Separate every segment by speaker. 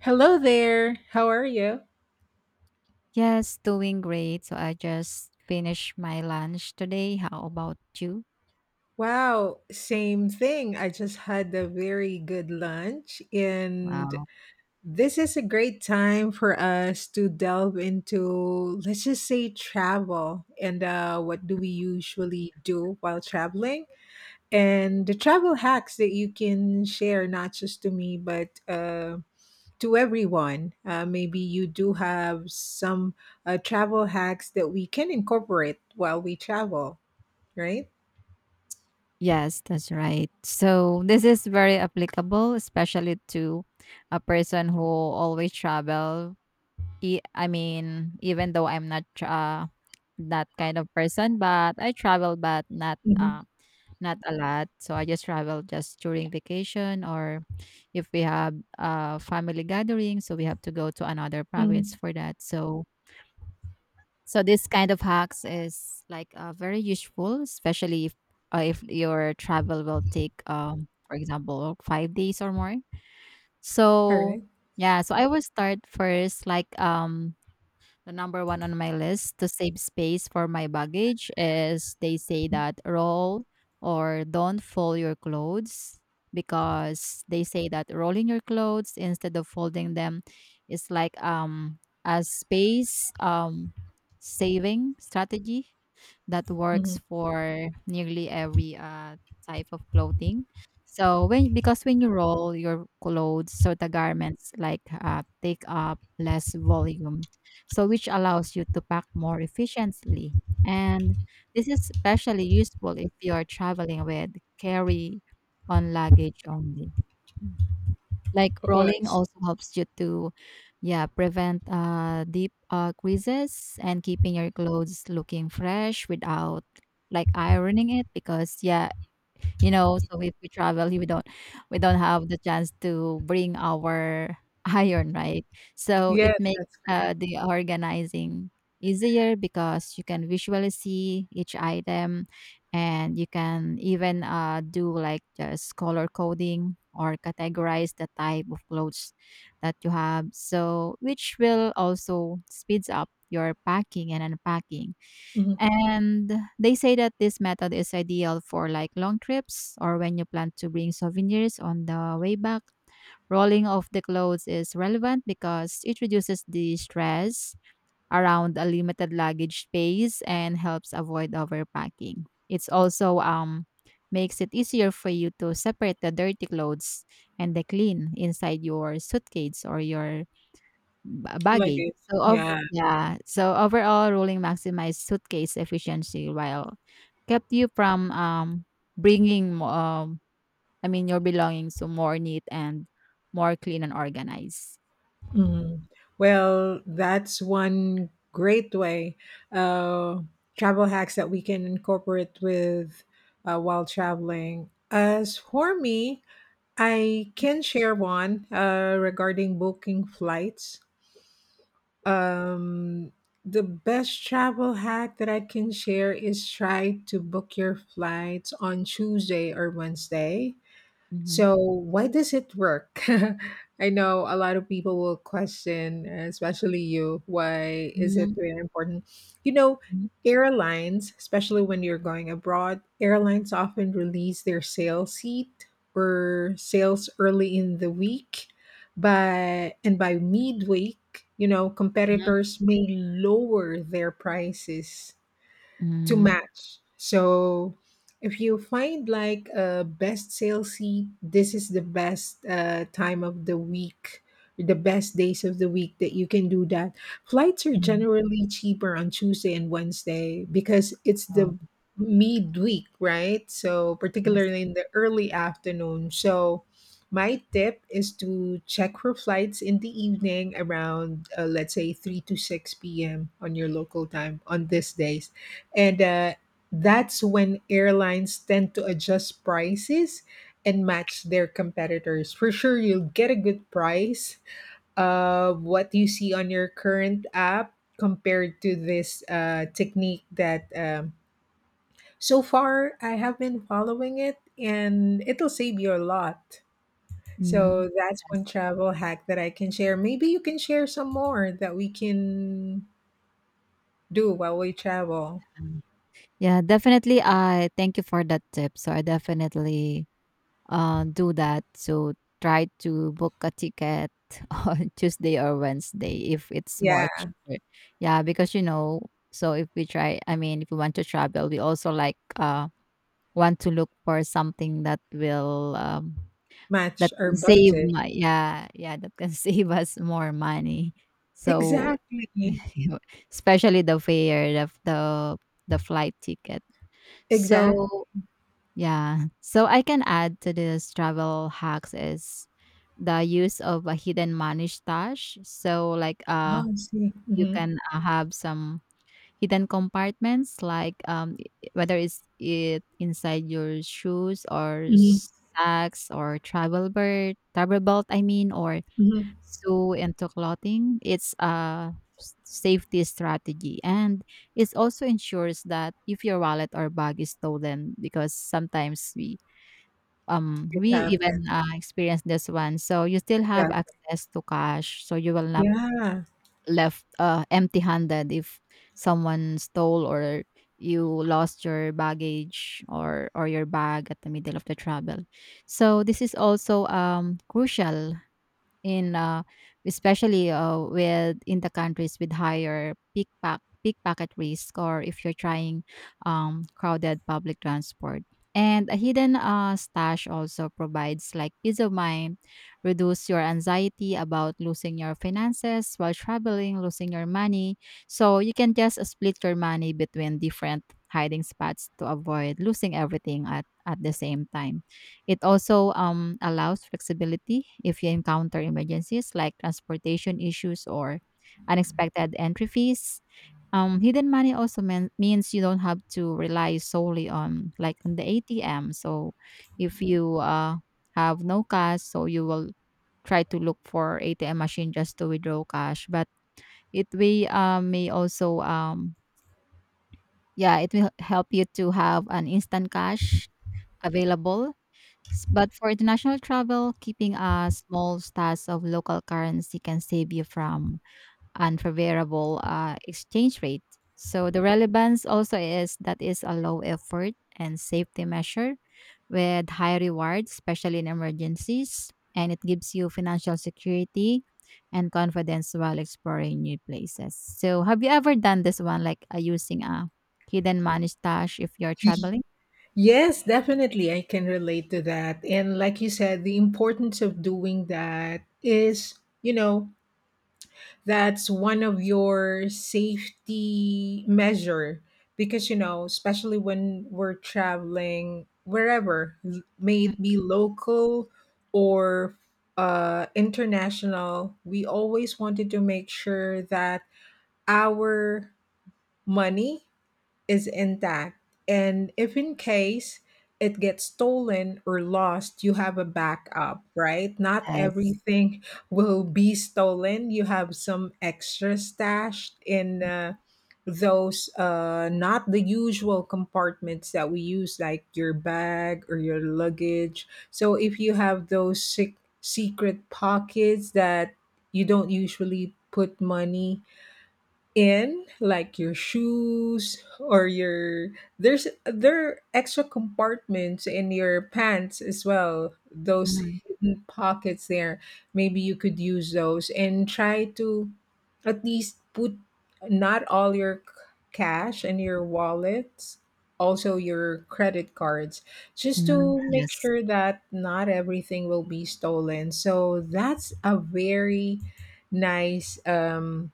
Speaker 1: Hello there. How are you?
Speaker 2: Yes, doing great. So I just finished my lunch today. How about you?
Speaker 1: Wow, same thing. I just had a very good lunch, and
Speaker 2: Wow.
Speaker 1: this is a great time for us to delve into, let's just say, travel and what do we usually do while traveling, and the travel hacks that you can share, not just to me, but to everyone. Maybe you do have some travel hacks that we can incorporate while we travel, right?
Speaker 2: Yes, that's right. So this is very applicable, especially to a person who always travel. Even though I'm not that kind of person, but I travel, but
Speaker 1: Mhm,
Speaker 2: not a lot. So I just travel just during vacation or if we have a family gathering, so we have to go to another province
Speaker 1: mhm.
Speaker 2: for that. So this kind of hacks is very useful, especially if your travel will take, for example, 5 days or more. So
Speaker 1: Alright.
Speaker 2: yeah, so I will start first, like the number one on my list to save space for my baggage is they say that roll or don't fold your clothes because they say that rolling your clothes instead of folding them is like a space saving strategy that
Speaker 1: Mhm.
Speaker 2: works for nearly every type of clothing. So when because when you roll your clothes, so the garments take up less volume, so which allows you to pack more efficiently. And this is especially useful if you are traveling with carry on luggage only. Like
Speaker 1: Oh, I
Speaker 2: rolling
Speaker 1: see.
Speaker 2: also helps you to, yeah, prevent deep creases and keeping your clothes looking fresh without like ironing it because yeah, you know so if we travel we don't have the chance to bring our iron right so it
Speaker 1: Yes,
Speaker 2: makes
Speaker 1: that's great.
Speaker 2: the organizing easier because you can visually see each item and you can even do like just color coding or categorize the type of clothes that you have so which will also speeds up your packing and unpacking.
Speaker 1: Mhm.
Speaker 2: And they say that this method is ideal for like long trips or when you plan to bring souvenirs on the way back. Rolling off the clothes is relevant because it reduces the stress around a limited luggage space and helps avoid overpacking. It's also makes it easier for you to separate the dirty clothes and the clean inside your suitcase or your baggage.
Speaker 1: Luggage. Yeah.
Speaker 2: So overall ruling maximized suitcase efficiency while kept you from bringing mo- I mean your belongings to more neat and more clean and organized.
Speaker 1: Mhm. Well, that's one great way, uh, travel hacks that we can incorporate with, while traveling. As for me, I
Speaker 2: Mm.
Speaker 1: can share one, regarding booking flights. Um, the best travel hack that I can share is try to book your flights on Tuesday or Wednesday.
Speaker 2: Mhm.
Speaker 1: So, why does it work? I know a lot of people will question, especially you, why is it
Speaker 2: Mhm,
Speaker 1: very important? You know,
Speaker 2: mhm,
Speaker 1: airlines, especially when you're going abroad, airlines often release their sale seat or sales early in the week, but and by midweek, you know,
Speaker 2: mhm,
Speaker 1: competitors may lower their prices to
Speaker 2: mhm,
Speaker 1: match. So if you find like a best sale seat, this is the best time of the week, the best days of the week that you can do that. Flights are
Speaker 2: mm.
Speaker 1: generally cheaper on Tuesday and Wednesday because it's
Speaker 2: Oh,
Speaker 1: the midweek, right? So
Speaker 2: yes.
Speaker 1: particularly in the early afternoon. So my tip is to check for flights in the evening around let's say 3 to 6 p.m. on your local time on these days, and that's when airlines tend to adjust prices and match their competitors. For sure, you'll get a good price of what you see on your current app compared to this technique that so far I have been following it, and it'll save you a lot.
Speaker 2: Mhm,
Speaker 1: So that's one
Speaker 2: yes,
Speaker 1: travel hack that I can share. Maybe you can share some more that we can do while we travel.
Speaker 2: um, yeah, definitely, I thank you for that tip, so I definitely do that. So try to book a ticket on Tuesday or Wednesday if it's more
Speaker 1: Yeah,
Speaker 2: cheaper. Yeah, because you know, so if we try, I mean, if we want to travel, we also like want to look for something that
Speaker 1: match our
Speaker 2: can save
Speaker 1: budget.
Speaker 2: my yeah yeah that can save us more money. So
Speaker 1: Exactly.
Speaker 2: especially the fare, the flight ticket.
Speaker 1: Exactly.
Speaker 2: So yeah. So I can add to this travel hacks is the use of a hidden money stash. So
Speaker 1: Oh, I see.
Speaker 2: you
Speaker 1: Mm-hmm.
Speaker 2: can have some hidden compartments whether it's it inside your shoes or
Speaker 1: Mm-hmm.
Speaker 2: sacks or travel belt, or
Speaker 1: Mm-hmm.
Speaker 2: sew into clothing. It's a safety strategy, and it also ensures that if your wallet or bag is stolen, because sometimes
Speaker 1: It
Speaker 2: we
Speaker 1: happens.
Speaker 2: even, experienced this one. So you still have
Speaker 1: Exactly.
Speaker 2: access to cash, so you will not
Speaker 1: Yeah.
Speaker 2: left, empty-handed if someone stole or you lost your baggage or your bag at the middle of the travel. So this is also, crucial in especially with in the countries with higher pickpack pickpocket risk, or if you're trying crowded public transport. And a hidden stash also provides like peace of mind, reduce your anxiety about losing your finances while traveling, losing your money. So you can just split your money between different hiding spots to avoid losing everything at the same time. It also allows flexibility if you encounter emergencies like transportation issues or unexpected entry fees. Hidden money also means you don't have to rely solely on like on the ATM. So if you have no cash, so you will try to look for ATM machine just to withdraw cash. But it we may also Yeah, it will help you to have an instant cash available. But for international travel, keeping a small stash of local currency can save you from unfavorable exchange rate. So the relevance also is that is a low effort and safety measure with high rewards, especially in emergencies, and it gives you financial security and confidence while exploring new places. So have you ever done this one, using a hidden money stash if you're
Speaker 1: Y-
Speaker 2: traveling?
Speaker 1: Yes, definitely. I can relate to that. And like you said, the importance of doing that is, you know, that's one of your safety measure, because especially when we're traveling wherever may
Speaker 2: Mm.
Speaker 1: it be local or international, we always wanted to make sure that our money is intact, and if in case it gets stolen or lost, you have a backup, right? Not
Speaker 2: Yes.
Speaker 1: everything will be stolen. You have some extra stashed in those not the usual compartments that we use, like your bag or your luggage. So if you have those secret pockets that you don't usually put money in, like your shoes or your there's there are extra compartments in your pants as well, those
Speaker 2: Hmm.
Speaker 1: hidden pockets there, maybe you could use those and try to at least put not all your cash and your wallets, also your credit cards, just
Speaker 2: Mm,
Speaker 1: to make
Speaker 2: yes.
Speaker 1: sure that not everything will be stolen. So that's a very nice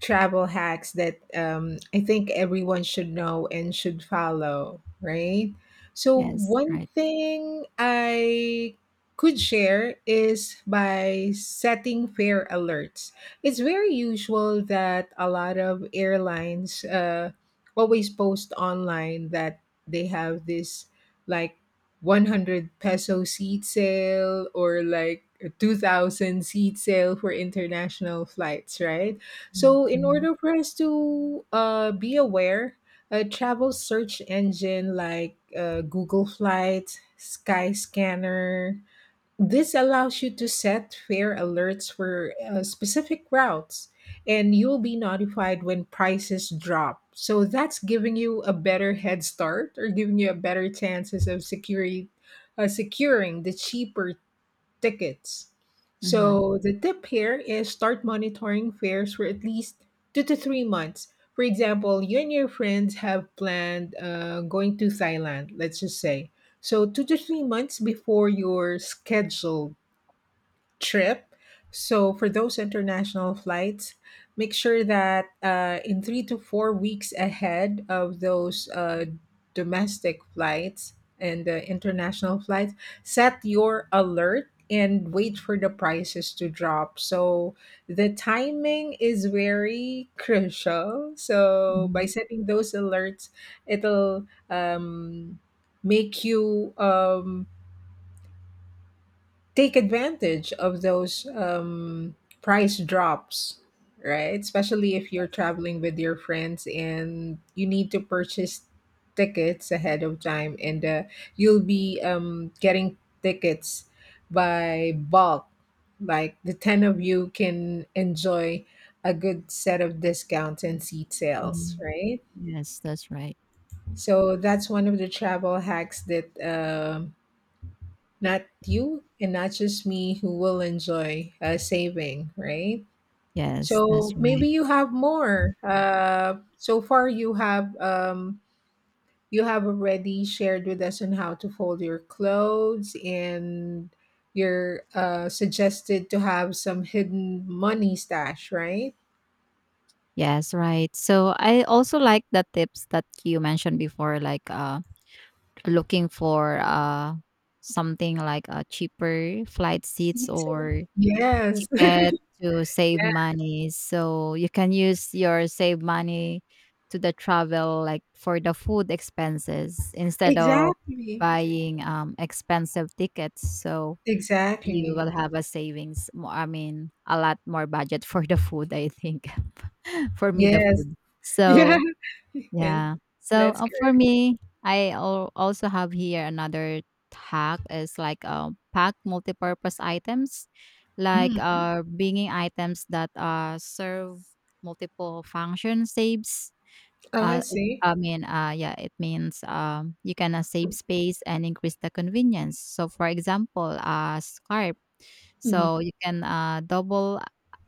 Speaker 1: travel hacks that, I think, everyone should know and should follow, right? So,
Speaker 2: Yes,
Speaker 1: one
Speaker 2: right.
Speaker 1: thing I could share is by setting fare alerts. It's very usual that a lot of airlines always post online that they have this, like, 100 peso seat sale or like a 2000-seat sale for international flights, right?
Speaker 2: Mhm,
Speaker 1: So, in
Speaker 2: mhm,
Speaker 1: order for us to be aware, a travel search engine like Google Flights, Skyscanner, this allows you to set fare alerts for specific routes, and you'll be notified when prices drop. So that's giving you a better head start or giving you a better chances of securing the cheaper tickets.
Speaker 2: mhm,
Speaker 1: So the tip here is start monitoring fares for at least 2 to 3 months. For example, you and your friends have planned going to Thailand, let's just say. So 2 to 3 months before your scheduled trip. So for those international flights, make sure that in 3 to 4 weeks ahead of those domestic flights and the international flights, set your alert and wait for the prices to drop. So the timing is very crucial. So by
Speaker 2: mhm.
Speaker 1: setting those alerts, it'll make you take advantage of those price drops, right? Especially if you're
Speaker 2: Yes.
Speaker 1: traveling with your friends and you need to purchase tickets ahead of time, and you'll be getting tickets by bulk. Like the 10 of you can enjoy a good set of discounts and seat sales,
Speaker 2: Mhm.
Speaker 1: right?
Speaker 2: Yes, that's right.
Speaker 1: So that's one of the travel hacks that not you and not just me who will enjoy saving, right?
Speaker 2: Yes, that's
Speaker 1: So maybe
Speaker 2: right.
Speaker 1: you have more. So far, you have already shared with us on how to fold your clothes, and you're suggested to have some hidden money stash, right?
Speaker 2: Yes, right. So I also like the tips that you mentioned before, like looking for something like a cheaper flight seats
Speaker 1: Seats.
Speaker 2: or
Speaker 1: Yes.
Speaker 2: ticket to save
Speaker 1: Yeah.
Speaker 2: money. So you can use your save money to the travel, like for the food expenses instead of
Speaker 1: Exactly.
Speaker 2: buying expensive tickets. So you
Speaker 1: Exactly.
Speaker 2: will have a savings. A lot more budget for the food. I think for me, the
Speaker 1: Yes.
Speaker 2: food.
Speaker 1: Yeah.
Speaker 2: So yeah. So
Speaker 1: That's
Speaker 2: uh, for
Speaker 1: correct.
Speaker 2: me, I also have here another hack is like pack multi-purpose items, like
Speaker 1: Mm.
Speaker 2: uh bringing items that serve multiple function saves.
Speaker 1: Oh, I see.
Speaker 2: Yeah, it means you can save space and increase the convenience. So for example, a scarf.
Speaker 1: Mhm.
Speaker 2: So you can double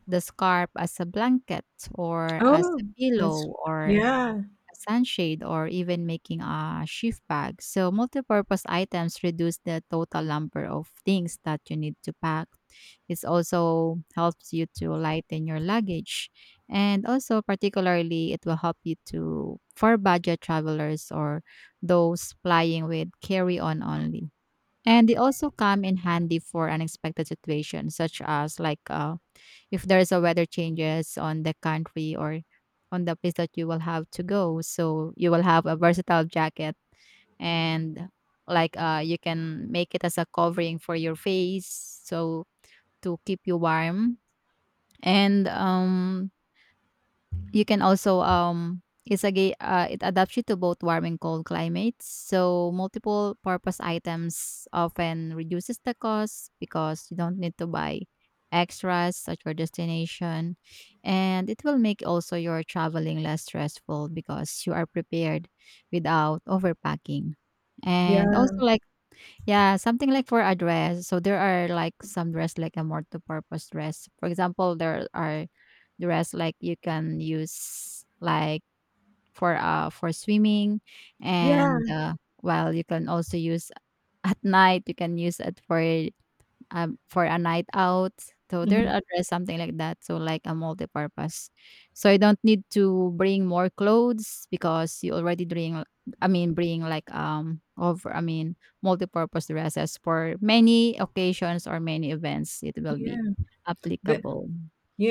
Speaker 2: the scarf as a blanket or as a
Speaker 1: Oh, that's
Speaker 2: pillow or
Speaker 1: yeah,
Speaker 2: a sunshade or even making a shift bag. So multi-purpose items reduce the total number of things that you need to pack. It also helps you to lighten your luggage. And also particularly it will help you to for budget travelers or those flying with carry-on only. And they also come in handy for unexpected situations such as if there's a weather changes on the country or on the place that you will have to go, so you will have a versatile jacket, and like you can make it as a covering for your face so to keep you warm and you can also it's a it adapts you to both warm and cold climates. So multiple purpose items often reduces the cost because you don't need to buy extras at your destination, and it will make also your traveling less stressful because you are prepared without overpacking. And
Speaker 1: yeah,
Speaker 2: also like yeah, something like for a dress. So there are like some dress like a more to purpose dress. For example, there are dress like you can use like for swimming, and
Speaker 1: yeah,
Speaker 2: well you can also use at night, you can use it for a night out. So they'll
Speaker 1: mhm,
Speaker 2: address something like that. So like a multi-purpose. So you don't need to bring more clothes because you already bring bring like over I mean multi-purpose dresses for many occasions or many events it will be
Speaker 1: yeah. That
Speaker 2: applicable.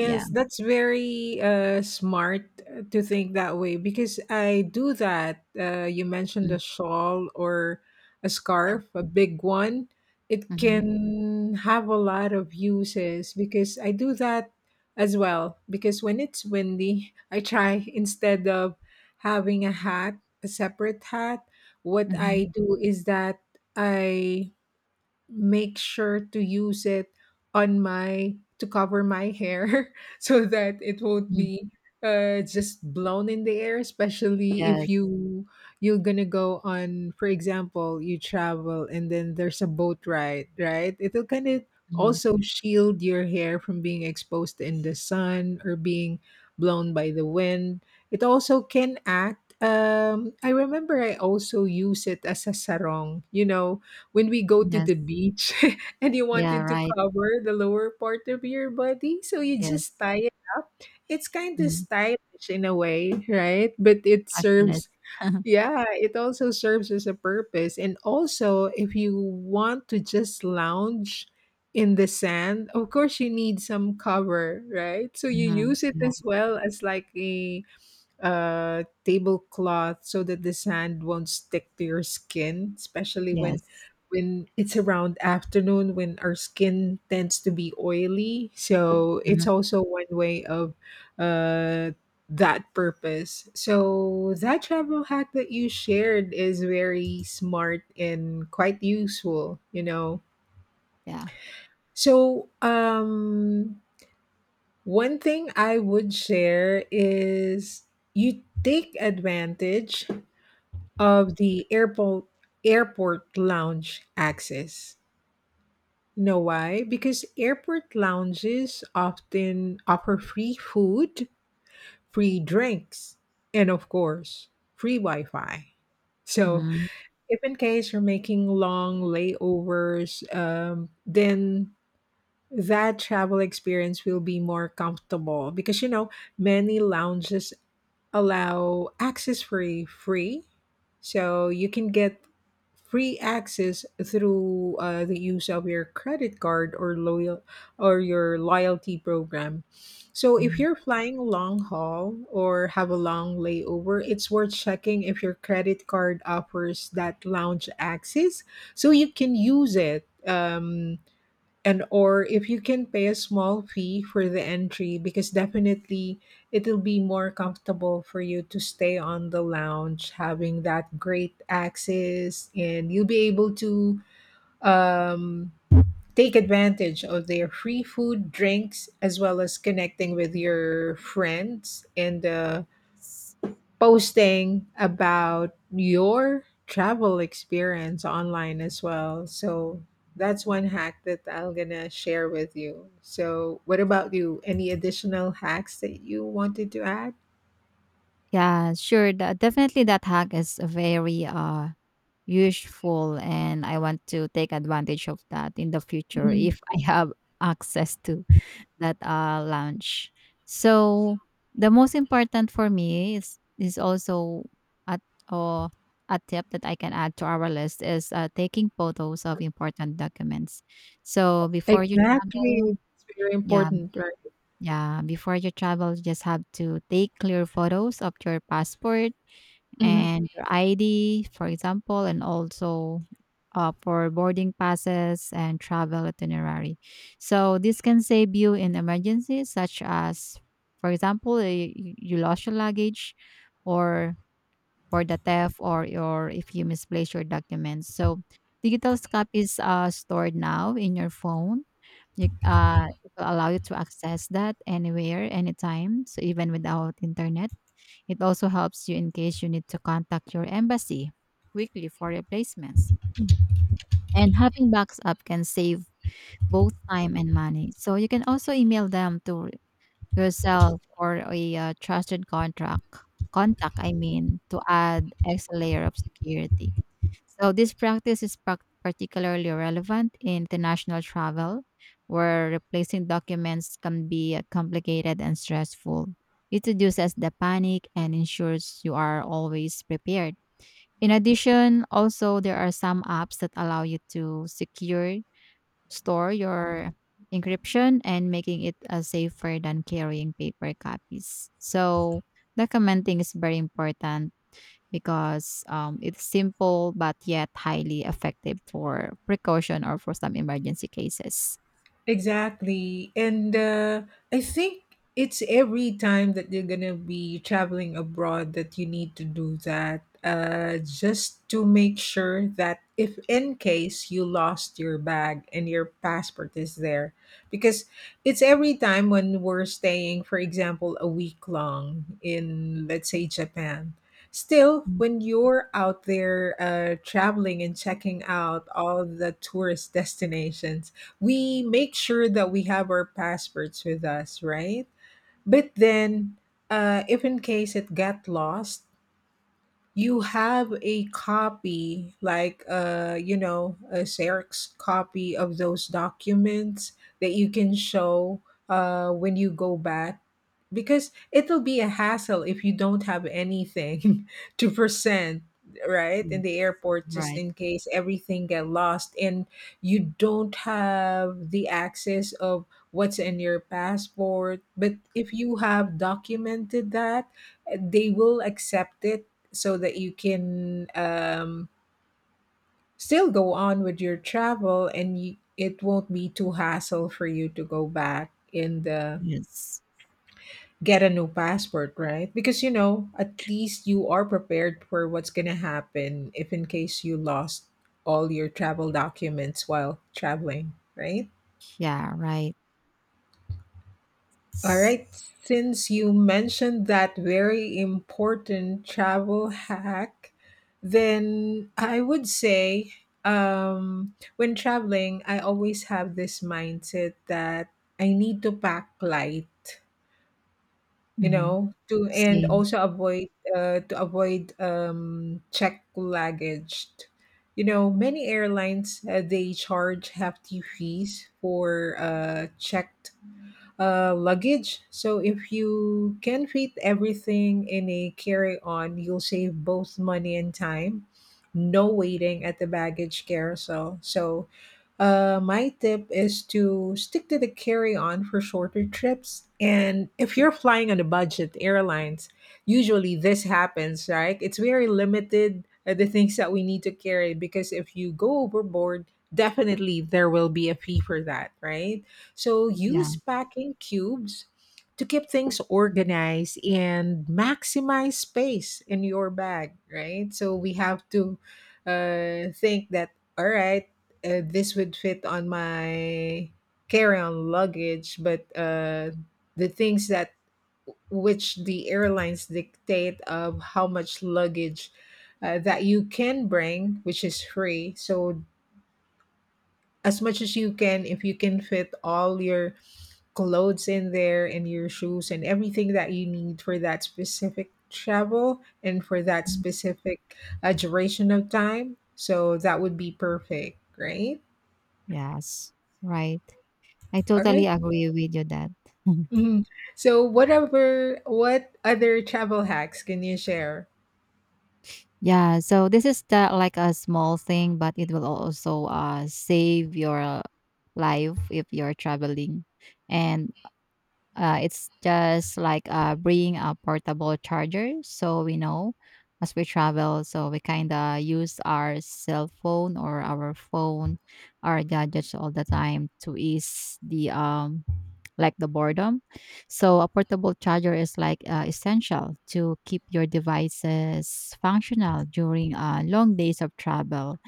Speaker 2: Yeah.
Speaker 1: that's very smart to think that way because I do that. You mentioned a shawl or a scarf, a big one. It
Speaker 2: Mm-hmm.
Speaker 1: can have a lot of uses because I do that as well. Because when it's windy, I try, instead of having a hat, a separate hat, what
Speaker 2: Mm-hmm.
Speaker 1: I do is that I make sure to use it on my to cover my hair so that it won't
Speaker 2: Hmm.
Speaker 1: be just blown in the air, especially
Speaker 2: Yes.
Speaker 1: if you're gonna go on. For example, you travel and then there's a boat ride, right? It'll kind of
Speaker 2: Hmm.
Speaker 1: also shield your hair from being exposed in the sun or being blown by the wind. It also can act I remember I also use it as a sarong, when we go to
Speaker 2: Yes.
Speaker 1: the beach and you
Speaker 2: Yeah,
Speaker 1: wanted to
Speaker 2: right.
Speaker 1: cover the lower part of your body, so you just
Speaker 2: Yes.
Speaker 1: tie it up. It's kind of
Speaker 2: Mm-hmm.
Speaker 1: stylish in a way, right? But it
Speaker 2: Passionate.
Speaker 1: serves, yeah, it also serves as a purpose. And also, if you want to just lounge in the sand, of course, you need some cover, right? So you
Speaker 2: Mm-hmm.
Speaker 1: use it
Speaker 2: Yeah.
Speaker 1: as well as, like, a tablecloth, so that the sand won't stick to your skin, especially when
Speaker 2: Yes.
Speaker 1: when it's around afternoon when our skin tends to be oily. So
Speaker 2: Mm-hmm.
Speaker 1: it's also one way of uh, that purpose. So that travel hack that you shared is very smart and quite useful. You know.
Speaker 2: Yeah.
Speaker 1: So one thing I would share is you take advantage of the airport lounge access. You know why? Because airport lounges often offer free food, free drinks, and of course, free Wi-Fi. So,
Speaker 2: Mm-hmm.
Speaker 1: if in case you're making long layovers, then that travel experience will be more comfortable, because many lounges allow access for free. So you can get free access through the use of your credit card, or loyal or your loyalty program. So if
Speaker 2: Mm-hmm.
Speaker 1: you're flying long haul or have a long layover, it's worth checking if your credit card offers that lounge access, so you can use it, and or if you can pay a small fee for the entry, because definitely it'll be more comfortable for you to stay on the lounge, having that great access, and you'll be able to um, take advantage of their free food drinks, as well as connecting with your friends and
Speaker 2: S-
Speaker 1: posting about your travel experience online as well. So that's one hack that I'm gonna share with you. So what about you? Any additional hacks that you wanted to add?
Speaker 2: Yeah, sure. Definitely, that hack is very useful, and I want to take advantage of that in the future
Speaker 1: Mhm.
Speaker 2: if I have access to that lounge. So the most important for me is also at or a tip that I can add to our list is taking photos of important documents. So before you travel,
Speaker 1: Exactly. It's very
Speaker 2: yeah,
Speaker 1: important, right?
Speaker 2: yeah, before you travel, you just have to take clear photos of your passport
Speaker 1: Mhm.
Speaker 2: and your ID, for example, and also for boarding passes and travel itinerary. So this can save you in emergencies such as, for example, you lost your luggage or for the theft, or if you misplace your documents. So digital copies are stored now in your phone. It will allow you to access that anywhere, anytime, so even without internet. It also helps you in case you need to contact your embassy quickly for replacements. Mm. And having backs up can save both time and money. So you can also email them to yourself or a trusted contract contact I mean to add extra layer of security. So this practice is prac particularly relevant in international travel, where replacing documents can be complicated and stressful. It reduces the panic and ensures you are always prepared. In addition, also there are some apps that allow you to secure store your encryption and making it safer than carrying paper copies. So documenting is very important because it's simple but yet highly effective for precaution or for some emergency cases.
Speaker 1: Exactly. And I think it's every time that you're going to be traveling abroad that you need to do that, just to make sure that if in case you lost your bag and your passport is there. Because it's every time when we're staying, for example, a week long in, let's say, Japan. Still,
Speaker 2: Mm,
Speaker 1: when you're out there traveling and checking out all the tourist destinations, we make sure that we have our passports with us, right? But then, if in case it got lost, you have a copy, like a xerox copy of those documents that you can show when you go back, because it'll be a hassle if you don't have anything to present right in the
Speaker 2: yes.
Speaker 1: airport, just
Speaker 2: Right.
Speaker 1: in case everything get lost, and you don't have the access of what's in your passport. But if you have documented that, they will accept it, so that you can, still go on with your travel, and you, it won't be too hassle for you to go back and
Speaker 2: Yes.
Speaker 1: get a new passport, right? Because you know, at least you are prepared for what's going to happen if in case you lost all your travel documents while traveling, right?
Speaker 2: Yeah. Right.
Speaker 1: All right. Since you mentioned that very important travel hack, then I would say when traveling, I always have this mindset that I need to pack light, you
Speaker 2: Mm-hmm.
Speaker 1: know, to and
Speaker 2: Same.
Speaker 1: also avoid to avoid check luggage. You know, many airlines they charge hefty fees for checked luggage. So if you can fit everything in a carry-on, you'll save both money and time. No waiting at the baggage carousel. So my tip is to stick to the carry-on for shorter trips. And if you're flying on a budget airlines, usually this happens, right? It's very limited the things that we need to carry because if you go overboard, definitely there will be a fee for that, right? So
Speaker 2: Yeah.
Speaker 1: use packing cubes to keep things organized and maximize space in your bag, right? So we have to think that, all right, this would fit on my carry on luggage, but the things that which the airlines dictate of how much luggage that you can bring, which is free. So as much as you can, if you can fit all your clothes in there and your shoes and everything that you need for that specific travel and for that
Speaker 2: Mhm.
Speaker 1: specific duration of time. So that would be perfect, right?
Speaker 2: Yes. Right. I
Speaker 1: All
Speaker 2: totally
Speaker 1: right.
Speaker 2: agree with you that.
Speaker 1: Mhm. So whatever, what other travel hacks can you share?
Speaker 2: Yeah. So this is the like a small thing, but it will also save your life if you're traveling and it's just like bringing a portable charger so we know as we travel. So we kind of use our cell phone or our phone, our gadgets all the time to ease the boredom. So a portable charger is like essential to keep your devices functional during long days of travel,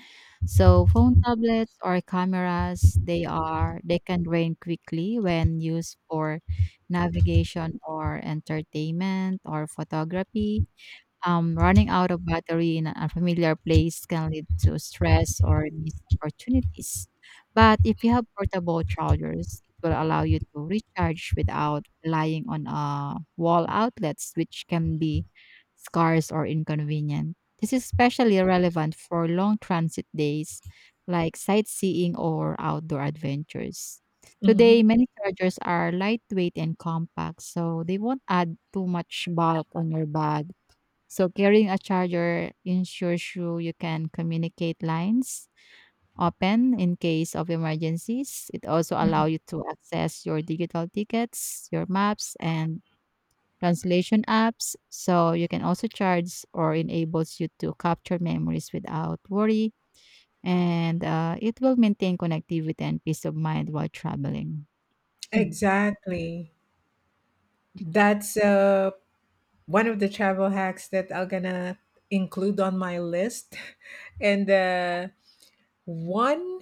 Speaker 2: so phone tablets or cameras, they can drain quickly when used for navigation or entertainment or photography. Running out of battery in an unfamiliar place can lead to stress or missed opportunities. But if you have portable chargers, it will allow you to recharge without relying on wall outlets, which can be scarce or inconvenient. This is especially relevant for long transit days like sightseeing or outdoor adventures. Today,
Speaker 1: Mhm.
Speaker 2: many chargers are lightweight and compact, so they won't add too much bulk on your bag, so carrying a charger ensures you can communicate lines open in case of emergencies. It also
Speaker 1: Mhm.
Speaker 2: allows you to access your digital tickets, your maps, and translation apps. So you can also charge or enables you to capture memories without worry. And it will maintain connectivity and peace of mind while traveling. Mm.
Speaker 1: Exactly. That's one of the travel hacks that I'm gonna include on my list. And one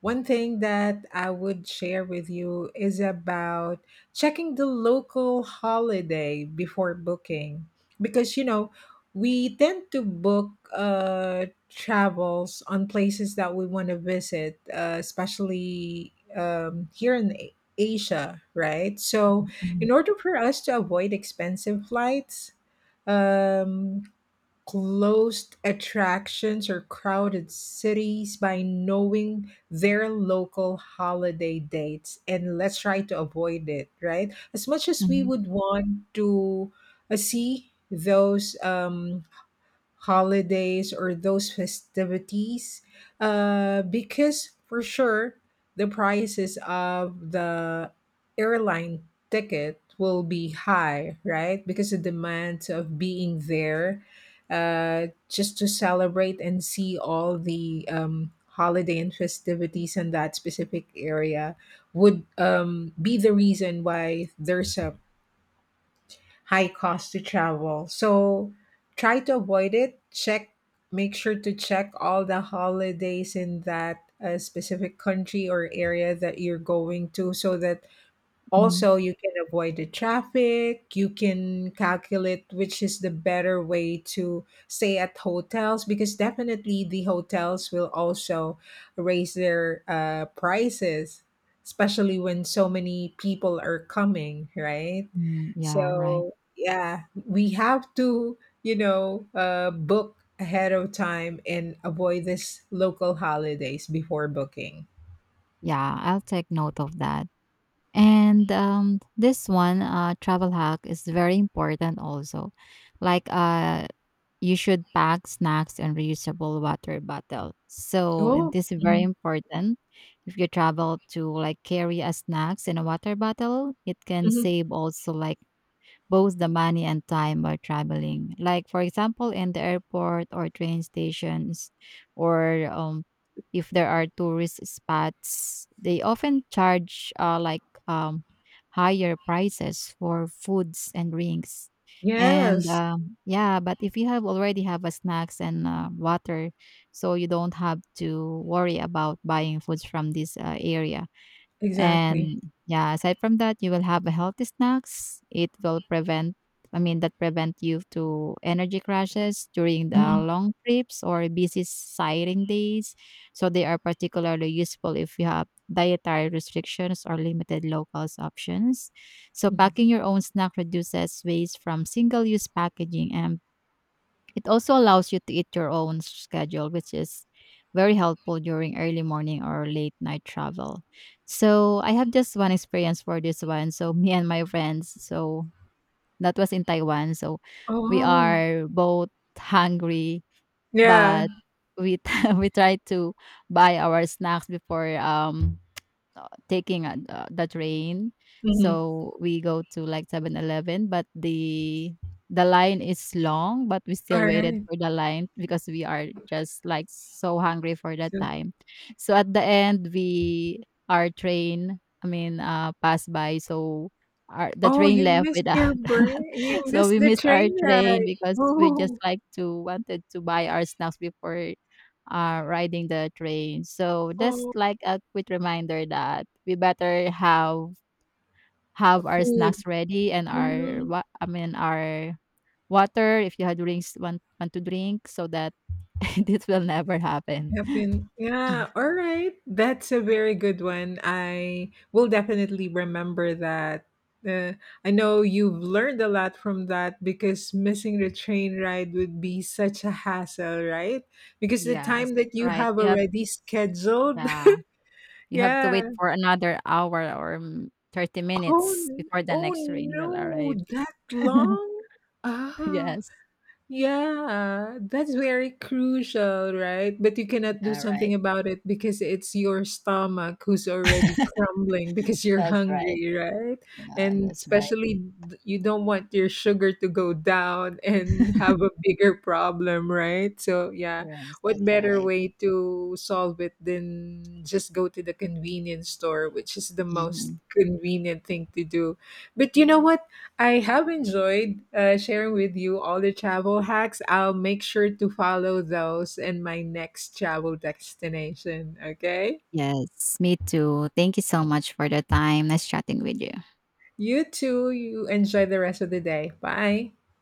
Speaker 1: One thing that I would share with you is about checking the local holiday before booking because you know we tend to book travels on places that we want to visit especially here in Asia, right? So
Speaker 2: Mhm,
Speaker 1: in order for us to avoid expensive flights, um closed attractions or crowded cities by knowing their local holiday dates, and let's try to avoid it, right, as much as we
Speaker 2: mhm,
Speaker 1: would want to see those holidays or those festivities, because for sure the prices of the airline ticket will be high, right, because the demand of being there, just to celebrate and see all the holiday and festivities in that specific area would, be the reason why there's a high cost to travel. So try to avoid it. Check, make sure to check all the holidays in that specific country or area that you're going to so that
Speaker 2: mhm,
Speaker 1: also, you can avoid the traffic. You can calculate which is the better way to stay at hotels because definitely the hotels will also raise their prices, especially when so many people are coming, right?
Speaker 2: mhm. Yeah, right.
Speaker 1: So, yeah, we have to, you know, book ahead of time and avoid this local holidays before booking.
Speaker 2: Yeah, I'll take note of that. And this one travel hack is very important also. Like you should pack snacks and reusable water bottle. So and
Speaker 1: Oh,
Speaker 2: this is very
Speaker 1: mhm,
Speaker 2: important. If you travel to like carry a snacks and a water bottle, it can
Speaker 1: mhm.
Speaker 2: save also like both the money and time while traveling. Like, for example, in the airport or train stations, or if there are tourist spots, they often charge um, higher prices for foods and drinks. And
Speaker 1: Yes,
Speaker 2: yeah, but if you have already have a snacks and water, so you don't have to worry about buying foods from this area.
Speaker 1: exactly.
Speaker 2: And yeah, aside from that, you will have a healthy snacks. It will prevent, I mean, that prevent you to energy crashes during the
Speaker 1: Mhm,
Speaker 2: long trips or busy sighting days. So they are particularly useful if you have dietary restrictions or limited locals options. So packing
Speaker 1: mhm.
Speaker 2: your own snack reduces waste from single-use packaging and it also allows you to eat your own schedule, which is very helpful during early morning or late night travel. So I have just one experience for this one. So me and my friends, so that was in Taiwan. So
Speaker 1: Oh,
Speaker 2: we
Speaker 1: wow.
Speaker 2: are both hungry,
Speaker 1: Yeah.
Speaker 2: but we we try to buy our snacks before taking the train.
Speaker 1: Mhm.
Speaker 2: So we go to like 7-Eleven, but the line is long, but we still waited
Speaker 1: Alright.
Speaker 2: for the line because we are just like so hungry for that
Speaker 1: So
Speaker 2: time. So at the end, we our train, I mean, passed by. So our the
Speaker 1: oh,
Speaker 2: train
Speaker 1: you
Speaker 2: left
Speaker 1: missed
Speaker 2: without.
Speaker 1: your break you
Speaker 2: So
Speaker 1: missed
Speaker 2: we
Speaker 1: the
Speaker 2: missed our
Speaker 1: train
Speaker 2: train
Speaker 1: ride.
Speaker 2: because we just
Speaker 1: Oh,
Speaker 2: like to wanted to buy our snacks before riding the train. So that's
Speaker 1: oh,
Speaker 2: like a quick reminder that we better have our
Speaker 1: food.
Speaker 2: snacks ready and our
Speaker 1: Mhm.
Speaker 2: what I mean our water if you had drinks want to drink so that this will never happen.
Speaker 1: Happen. Yeah. All right. That's a very good one. I will definitely remember that. Uh, I know you've learned a lot from that because missing the train ride would be such a hassle, right? Because the
Speaker 2: Yes,
Speaker 1: time that
Speaker 2: that's
Speaker 1: you
Speaker 2: right.
Speaker 1: have already scheduled.
Speaker 2: Yeah, you have to
Speaker 1: Yeah.
Speaker 2: wait for another hour or 30
Speaker 1: Oh,
Speaker 2: minutes before the
Speaker 1: oh
Speaker 2: next train will
Speaker 1: no,
Speaker 2: arrive.
Speaker 1: that long? Ah.
Speaker 2: Yes.
Speaker 1: Yeah, that's very crucial, right? But you cannot do
Speaker 2: Yeah, right.
Speaker 1: something about it because it's your stomach who's already crumbling because you're
Speaker 2: That's right.
Speaker 1: hungry, right?
Speaker 2: Yeah,
Speaker 1: And
Speaker 2: that's right.
Speaker 1: especially you don't want your sugar to go down and have a bigger problem, right? So, yeah,
Speaker 2: Yes,
Speaker 1: what
Speaker 2: that's
Speaker 1: better
Speaker 2: right.
Speaker 1: way to solve it than just go to the convenience store, which is the most
Speaker 2: Mhm.
Speaker 1: convenient thing to do. But you know what? I have enjoyed sharing with you all the travel hacks. I'll make sure to follow those in my next travel destination. Okay.
Speaker 2: Yes, me too. Thank you so much for the time. Nice chatting with you.
Speaker 1: You too. You enjoy the rest of the day. Bye.